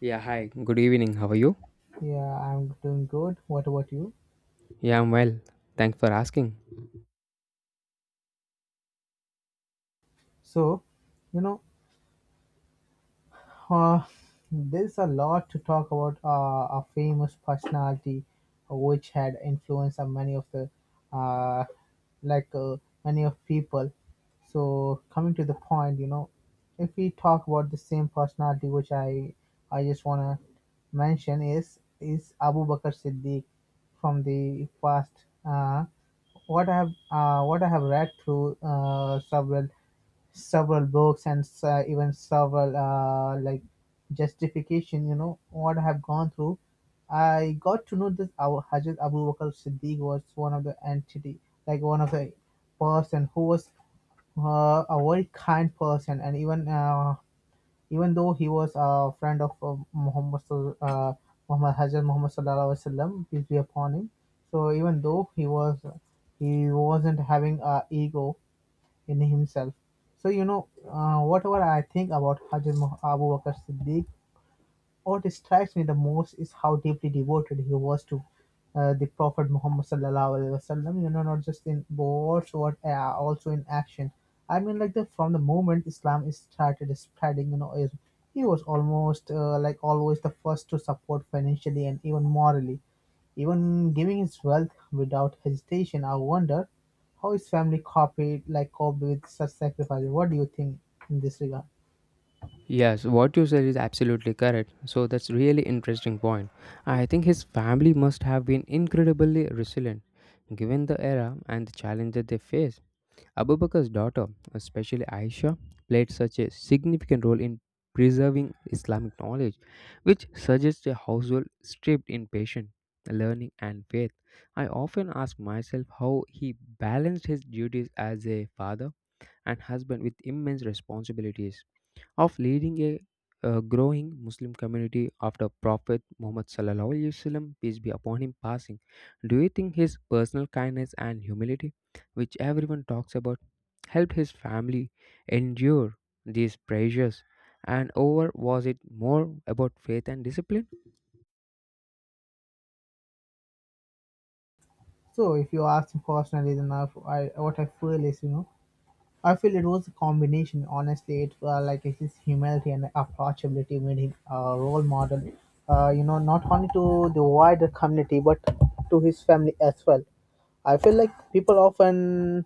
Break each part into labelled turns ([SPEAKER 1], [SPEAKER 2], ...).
[SPEAKER 1] Yeah, hi. Good evening. How are you?
[SPEAKER 2] Yeah, I'm doing good. What about you?
[SPEAKER 1] Yeah, I'm well. Thanks for asking.
[SPEAKER 2] So, you know, Uh, there's a lot to talk about a famous personality which had influence on many of the uh, like uh, many of people. So coming to the point, you know, if we talk about the same personality, which I just wanna mention is Abu Bakr Siddiq from the past. What I have what I have read through several books and even several like justification, you know, what I have gone through, I got to know this. Our Hazrat Abu Bakr Siddiq was one of the entity, like one of the person who was a very kind person, and even even though he was a friend of Muhammad, Hazrat Muhammad sallallahu alaihi wasallam, peace be upon him. So even though he was, he wasn't having a ego in himself. Whatever I think about Hajj Abu Bakr Siddiq, what strikes me the most is how deeply devoted he was to the Prophet Muhammad sallallahu alaihi wasallam. You know, not just in words, but also in action. I mean, like the from the moment Islam is started spreading, you know, is he was almost always the first to support financially and even morally, even giving his wealth without hesitation. I wonder how his family copied, like coped with such sacrifices. What do you think in this regard?
[SPEAKER 1] Yes, what you said is absolutely correct. So that's really interesting point. I think his family must have been incredibly resilient given the era and the challenge that they faced. Abu Bakr's daughter, especially Aisha, played such a significant role in preserving Islamic knowledge, which suggests a household stripped in patience, learning and faith. I often ask myself how he balanced his duties as a father and husband with immense responsibilities of leading a, growing Muslim community after Prophet Muhammad sallallahu alaihi wasallam peace be upon him passing. Do you think his personal kindness and humility, which everyone talks about, helped his family endure these pressures? And over was it more about faith and discipline?
[SPEAKER 2] So if you ask me personally, then I what I feel is, you know, I feel it was a combination. Honestly, it like his humility and approachability made him a role model. You know, not only to the wider community but to his family as well. I feel like people often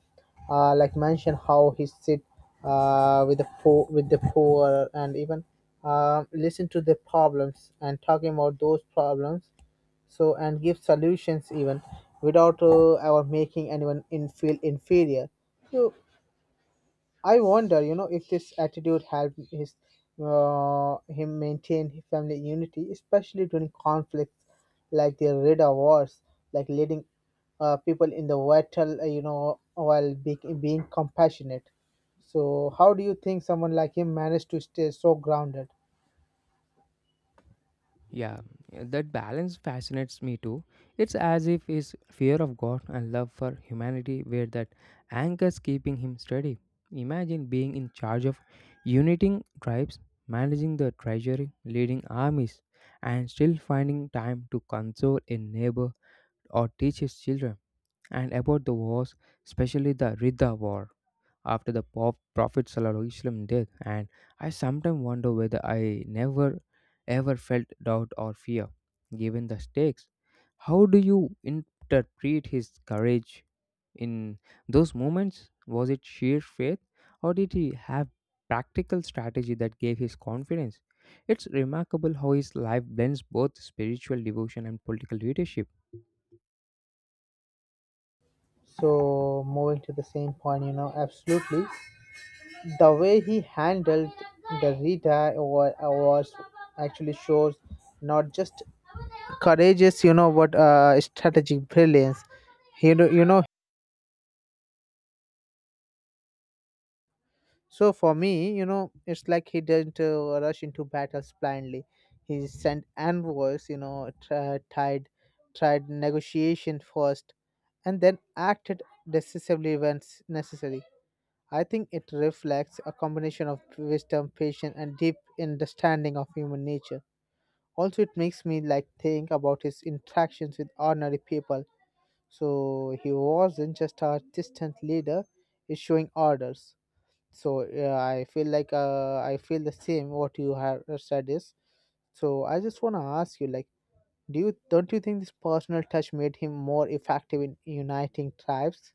[SPEAKER 2] mention how he sit with the poor, and even listen to their problems and talking about those problems. So and give solutions even without ever making anyone in feel inferior. So I wonder, you know, if this attitude helped his him maintain family unity, especially during conflicts like the Rida Wars, like leading people in the battle, you know, while being compassionate. So, how do you think someone like him managed to stay so grounded?
[SPEAKER 1] Yeah, that balance fascinates me too. It's as if his fear of God and love for humanity were that anchors keeping him steady. Imagine being in charge of uniting tribes, managing the treasury, leading armies, and still finding time to console a neighbor or teach his children and about the wars, especially the Ridda War after the Prophet ﷺ death, and I sometimes wonder whether I never ever felt doubt or fear, given the stakes. How do you interpret his courage in those moments? Was it sheer faith, or did he have practical strategy that gave his confidence? It's remarkable how his life blends both spiritual devotion and political leadership.
[SPEAKER 2] So, moving to the same point, you know, absolutely, the way he handled the was actually shows not just courage is, you know what, strategic brilliance, you know. So for me, you know, it's like he didn't rush into battles blindly. He sent envoys, you know, tried negotiation first and then acted decisively when necessary. I think it reflects a combination of wisdom, patience, and deep understanding of human nature. Also it makes me like think about his interactions with ordinary people. So he wasn't just a distant leader issuing orders. So yeah, I feel like I feel the same what you have said is. So I just want to ask you, like, do you, don't you think this personal touch made him more effective in uniting tribes?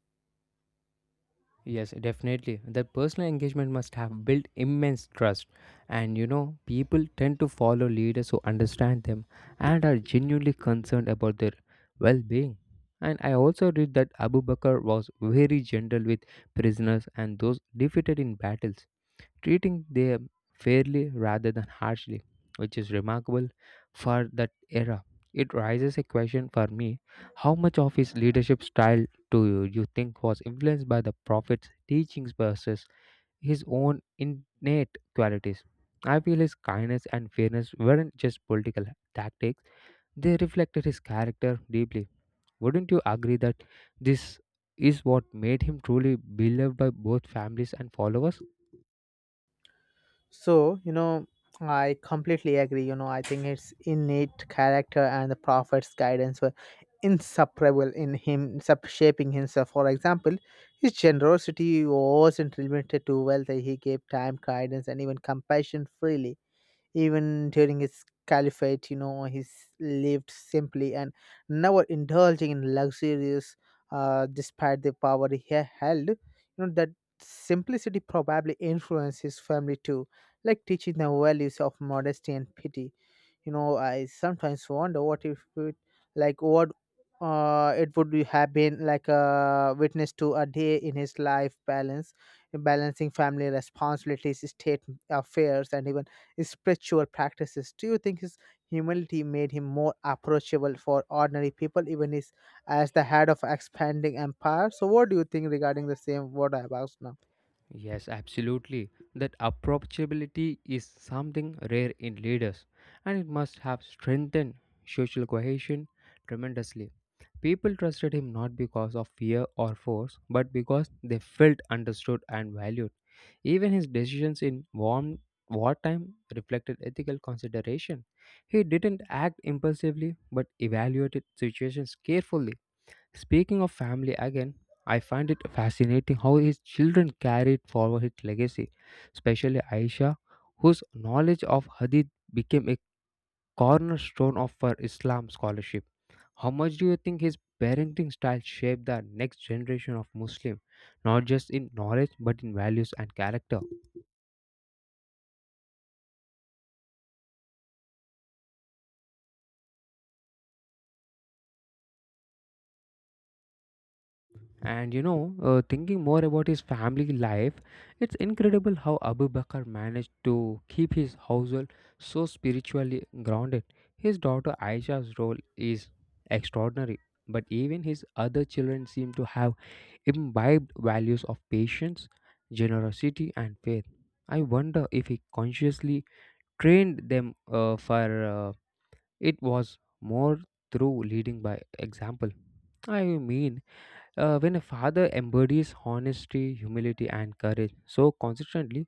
[SPEAKER 1] Yes, definitely. That personal engagement must have built immense trust. And you know, people tend to follow leaders who understand them and are genuinely concerned about their well being. And I also read that Abu Bakr was very gentle with prisoners and those defeated in battles treating them fairly rather than harshly, which is remarkable for that era. It raises a question for me: how much of his leadership style do you think was influenced by the prophet's teachings versus his own innate qualities? I feel his kindness and fairness weren't just political tactics, they reflected his character deeply. Wouldn't you agree that this is what made him truly beloved by both families and followers?
[SPEAKER 2] So, you know, I completely agree. You know, I think his innate character and the prophet's guidance were inseparable in him shaping himself. For example, his generosity wasn't limited to wealth, he gave time, guidance, and even compassion freely even during his caliphate. You know, he lived simply and never indulging in luxurious, despite the power he held. You know, that simplicity probably influenced his family too, like teaching the values of modesty and pity. You know, I sometimes wonder what if it, like what it would have been like a witness to a day in his life, balance balancing family responsibilities, state affairs, and even spiritual practices. Do you think his humility made him more approachable for ordinary people even his, as the head of expanding empire? So what do you think regarding the same what I have asked now?
[SPEAKER 1] Yes, absolutely. That approachability is something rare in leaders, and it must have strengthened social cohesion tremendously. People trusted him not because of fear or force, but because they felt understood and valued. Even his decisions in warm wartime reflected ethical consideration. He didn't act impulsively, but evaluated situations carefully. Speaking of family again, I find it fascinating how his children carried forward his legacy, especially Aisha, whose knowledge of Hadith became a cornerstone of her Islam scholarship. How much do you think his parenting style shaped the next generation of Muslim, not just in knowledge but in values and character? And you know, thinking more about his family life, it's incredible how Abu Bakr managed to keep his household so spiritually grounded. His daughter Aisha's role is extraordinary, but even his other children seem to have imbibed values of patience, generosity, and faith. I wonder if he consciously trained them for it was more through leading by example. I mean, when a father embodies honesty, humility, and courage so consistently,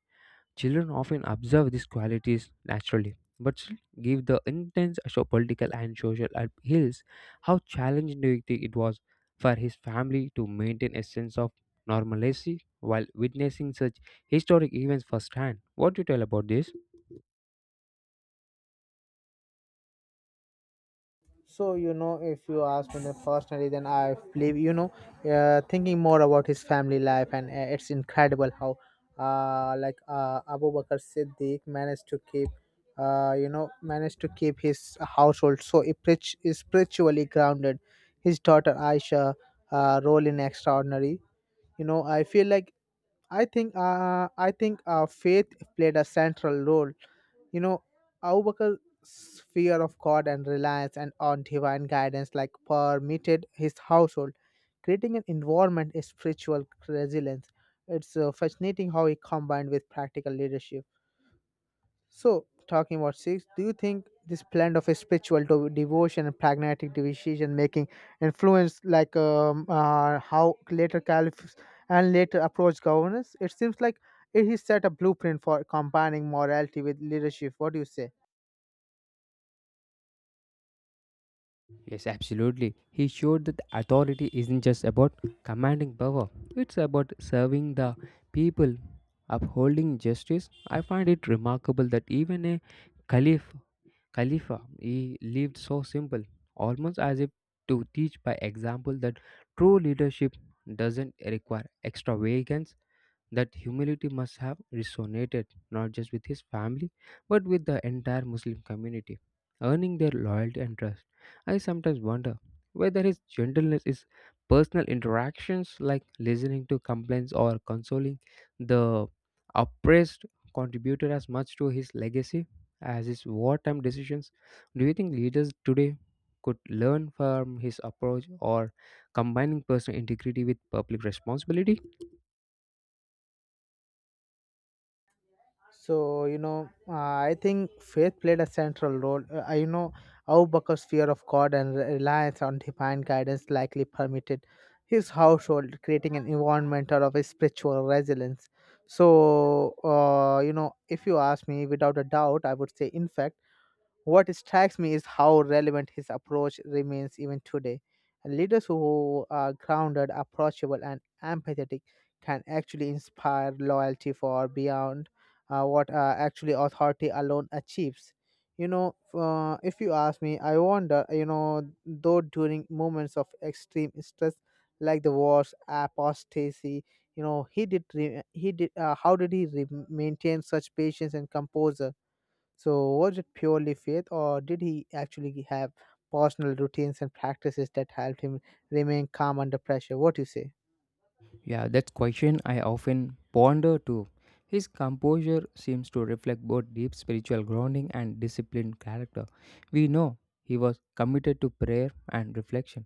[SPEAKER 1] children often observe these qualities naturally, but still give the intense political and social appeals, how challenging do you think it was for his family to maintain a sense of normalcy while witnessing such historic events firsthand. What do you tell about this?
[SPEAKER 2] So you know, if you ask me the personally, then I believe, you know, thinking more about his family life, and it's incredible how, Abu Bakr Siddiq managed to keep, managed to keep his household so spiritually grounded. His daughter Aisha, role in extraordinary. You know, I feel like I think, faith played a central role. You know, Abu Bakr's fear of God and reliance and on divine guidance like permeated his household, creating an environment of spiritual resilience. It's fascinating how he combined with practical leadership. So, talking about six, do you think this blend of a spiritual devotion and pragmatic decision making influenced like how later caliphs and later approach governance? It seems like it is set a blueprint for combining morality with leadership. What do you say?
[SPEAKER 1] Yes, absolutely. He showed that authority isn't just about commanding power, it's about serving the people, upholding justice. I find it remarkable that even a caliph, Khalifa, he lived so simple, almost as if to teach by example that true leadership doesn't require extravagance, that humility must have resonated not just with his family but with the entire Muslim community, earning their loyalty and trust. I sometimes wonder whether his gentleness is personal interactions like listening to complaints or consoling the oppressed contributed as much to his legacy as his wartime decisions. Do you think leaders today could learn from his approach or combining personal integrity with public responsibility?
[SPEAKER 2] So, you know, I think faith played a central role. You know, Abu Bakr's fear of God and reliance on divine guidance likely permitted his household, creating an environment of a spiritual resilience. So, you know, if you ask me, without a doubt, I would say, in fact, what strikes me is how relevant his approach remains even today. Leaders who are grounded, approachable, and empathetic can actually inspire loyalty for beyond what actually authority alone achieves. You know, if you ask me, I wonder, you know, though during moments of extreme stress like the wars, apostasy, you know, he did, how did he maintain such patience and composure? So, was it purely faith, or did he actually have personal routines and practices that helped him remain calm under pressure? What do you say?
[SPEAKER 1] Yeah, that question I often ponder too. His composure seems to reflect both deep spiritual grounding and disciplined character. We know he was committed to prayer and reflection,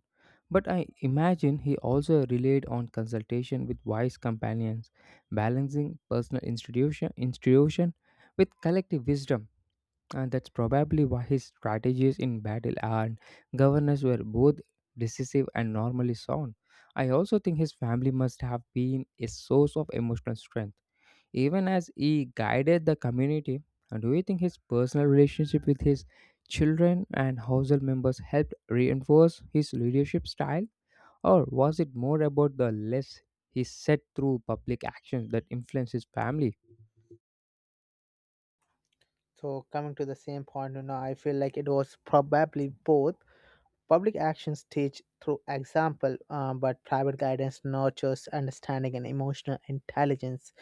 [SPEAKER 1] but I imagine he also relied on consultation with wise companions, balancing personal institution with collective wisdom. And that's probably why his strategies in battle and governance were both decisive and normally sound. I also think his family must have been a source of emotional strength, even as he guided the community. And do you think his personal relationship with his children and household members helped reinforce his leadership style? Or was it more about the less he said through public actions that influenced his family?
[SPEAKER 2] So, coming to the same point, you know, I feel like it was probably both. Public actions teach through example, but private guidance nurtures understanding and emotional intelligence.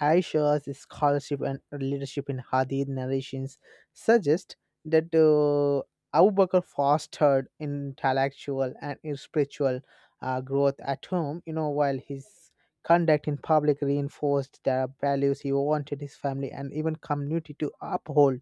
[SPEAKER 2] Aisha's scholarship and leadership in Hadith narrations suggest that Abu Bakr fostered intellectual and spiritual growth at home, you know, while his conduct in public reinforced the values he wanted his family and even community to uphold.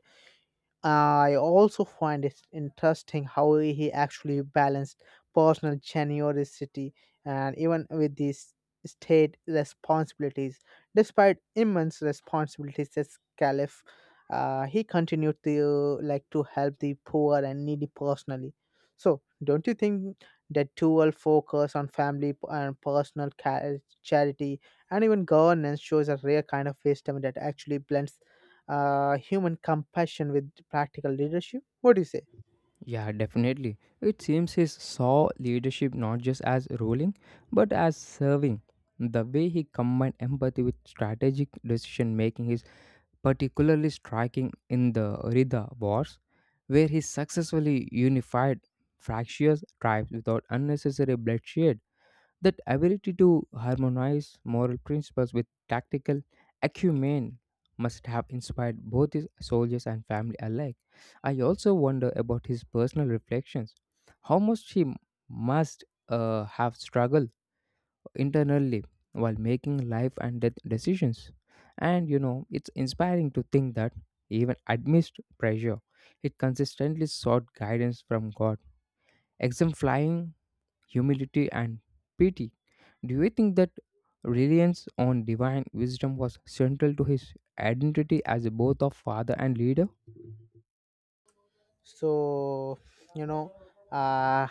[SPEAKER 2] I also find it interesting how he actually balanced personal generosity and even with these state responsibilities. Despite immense responsibilities as caliph, he continued to like to help the poor and needy personally. So, don't you think that dual focus on family and personal charity and even governance shows a rare kind of wisdom that actually blends human compassion with practical leadership? What do you say?
[SPEAKER 1] Yeah, definitely. It seems he saw leadership not just as ruling, but as serving. The way he combined empathy with strategic decision making is particularly striking in the Rida Wars, where he successfully unified fractious tribes without unnecessary bloodshed. That ability to harmonize moral principles with tactical acumen must have inspired both his soldiers and family alike. I also wonder about his personal reflections. How much he must have struggled internally while making life and death decisions. And you know, it's inspiring to think that even amidst pressure, it consistently sought guidance from God, exemplifying humility, and pity. Do you think that reliance on divine wisdom was central to his identity as both a father and leader?
[SPEAKER 2] so you know uh,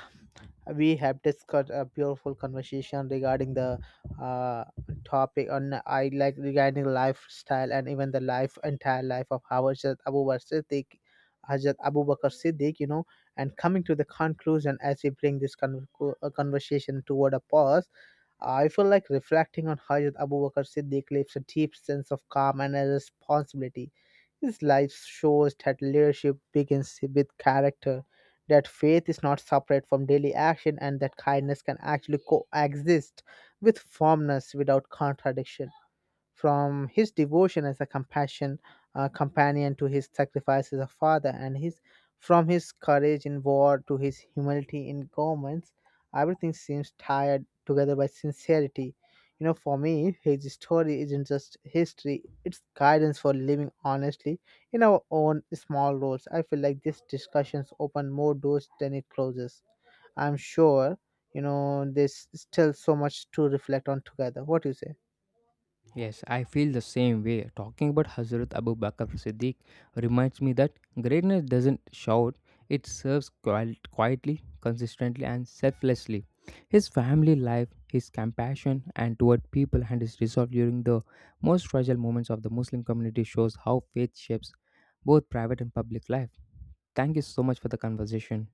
[SPEAKER 2] we have discussed a beautiful conversation regarding the uh, topic on I like regarding lifestyle and even the life, entire life of Hazrat Abu Bakr Siddiq, Hazrat Abu Bakr Siddiq, you know. And coming to the conclusion, as we bring this conversation toward a pause, I feel like reflecting on Hajrat Abu Bakr Siddiq leaves a deep sense of calm and a responsibility. His life shows that leadership begins with character, that faith is not separate from daily action, and that kindness can actually coexist with firmness without contradiction. From his devotion as a compassion companion to his sacrifice as a father, and his from his courage in war to his humility in governments, everything seems tied together by sincerity. You know, for me, his story isn't just history; it's guidance for living honestly in our own small roles. I feel like this discussions open more doors than it closes. I'm sure, you know, there's still so much to reflect on together. What do you say?
[SPEAKER 1] Yes, I feel the same way. Talking about Hazrat Abu Bakr Siddiq reminds me that greatness doesn't shout, it serves quietly, consistently, and selflessly. His family life, his compassion and toward people, and his resolve during the most fragile moments of the Muslim community shows how faith shapes both private and public life. Thank you so much for the conversation.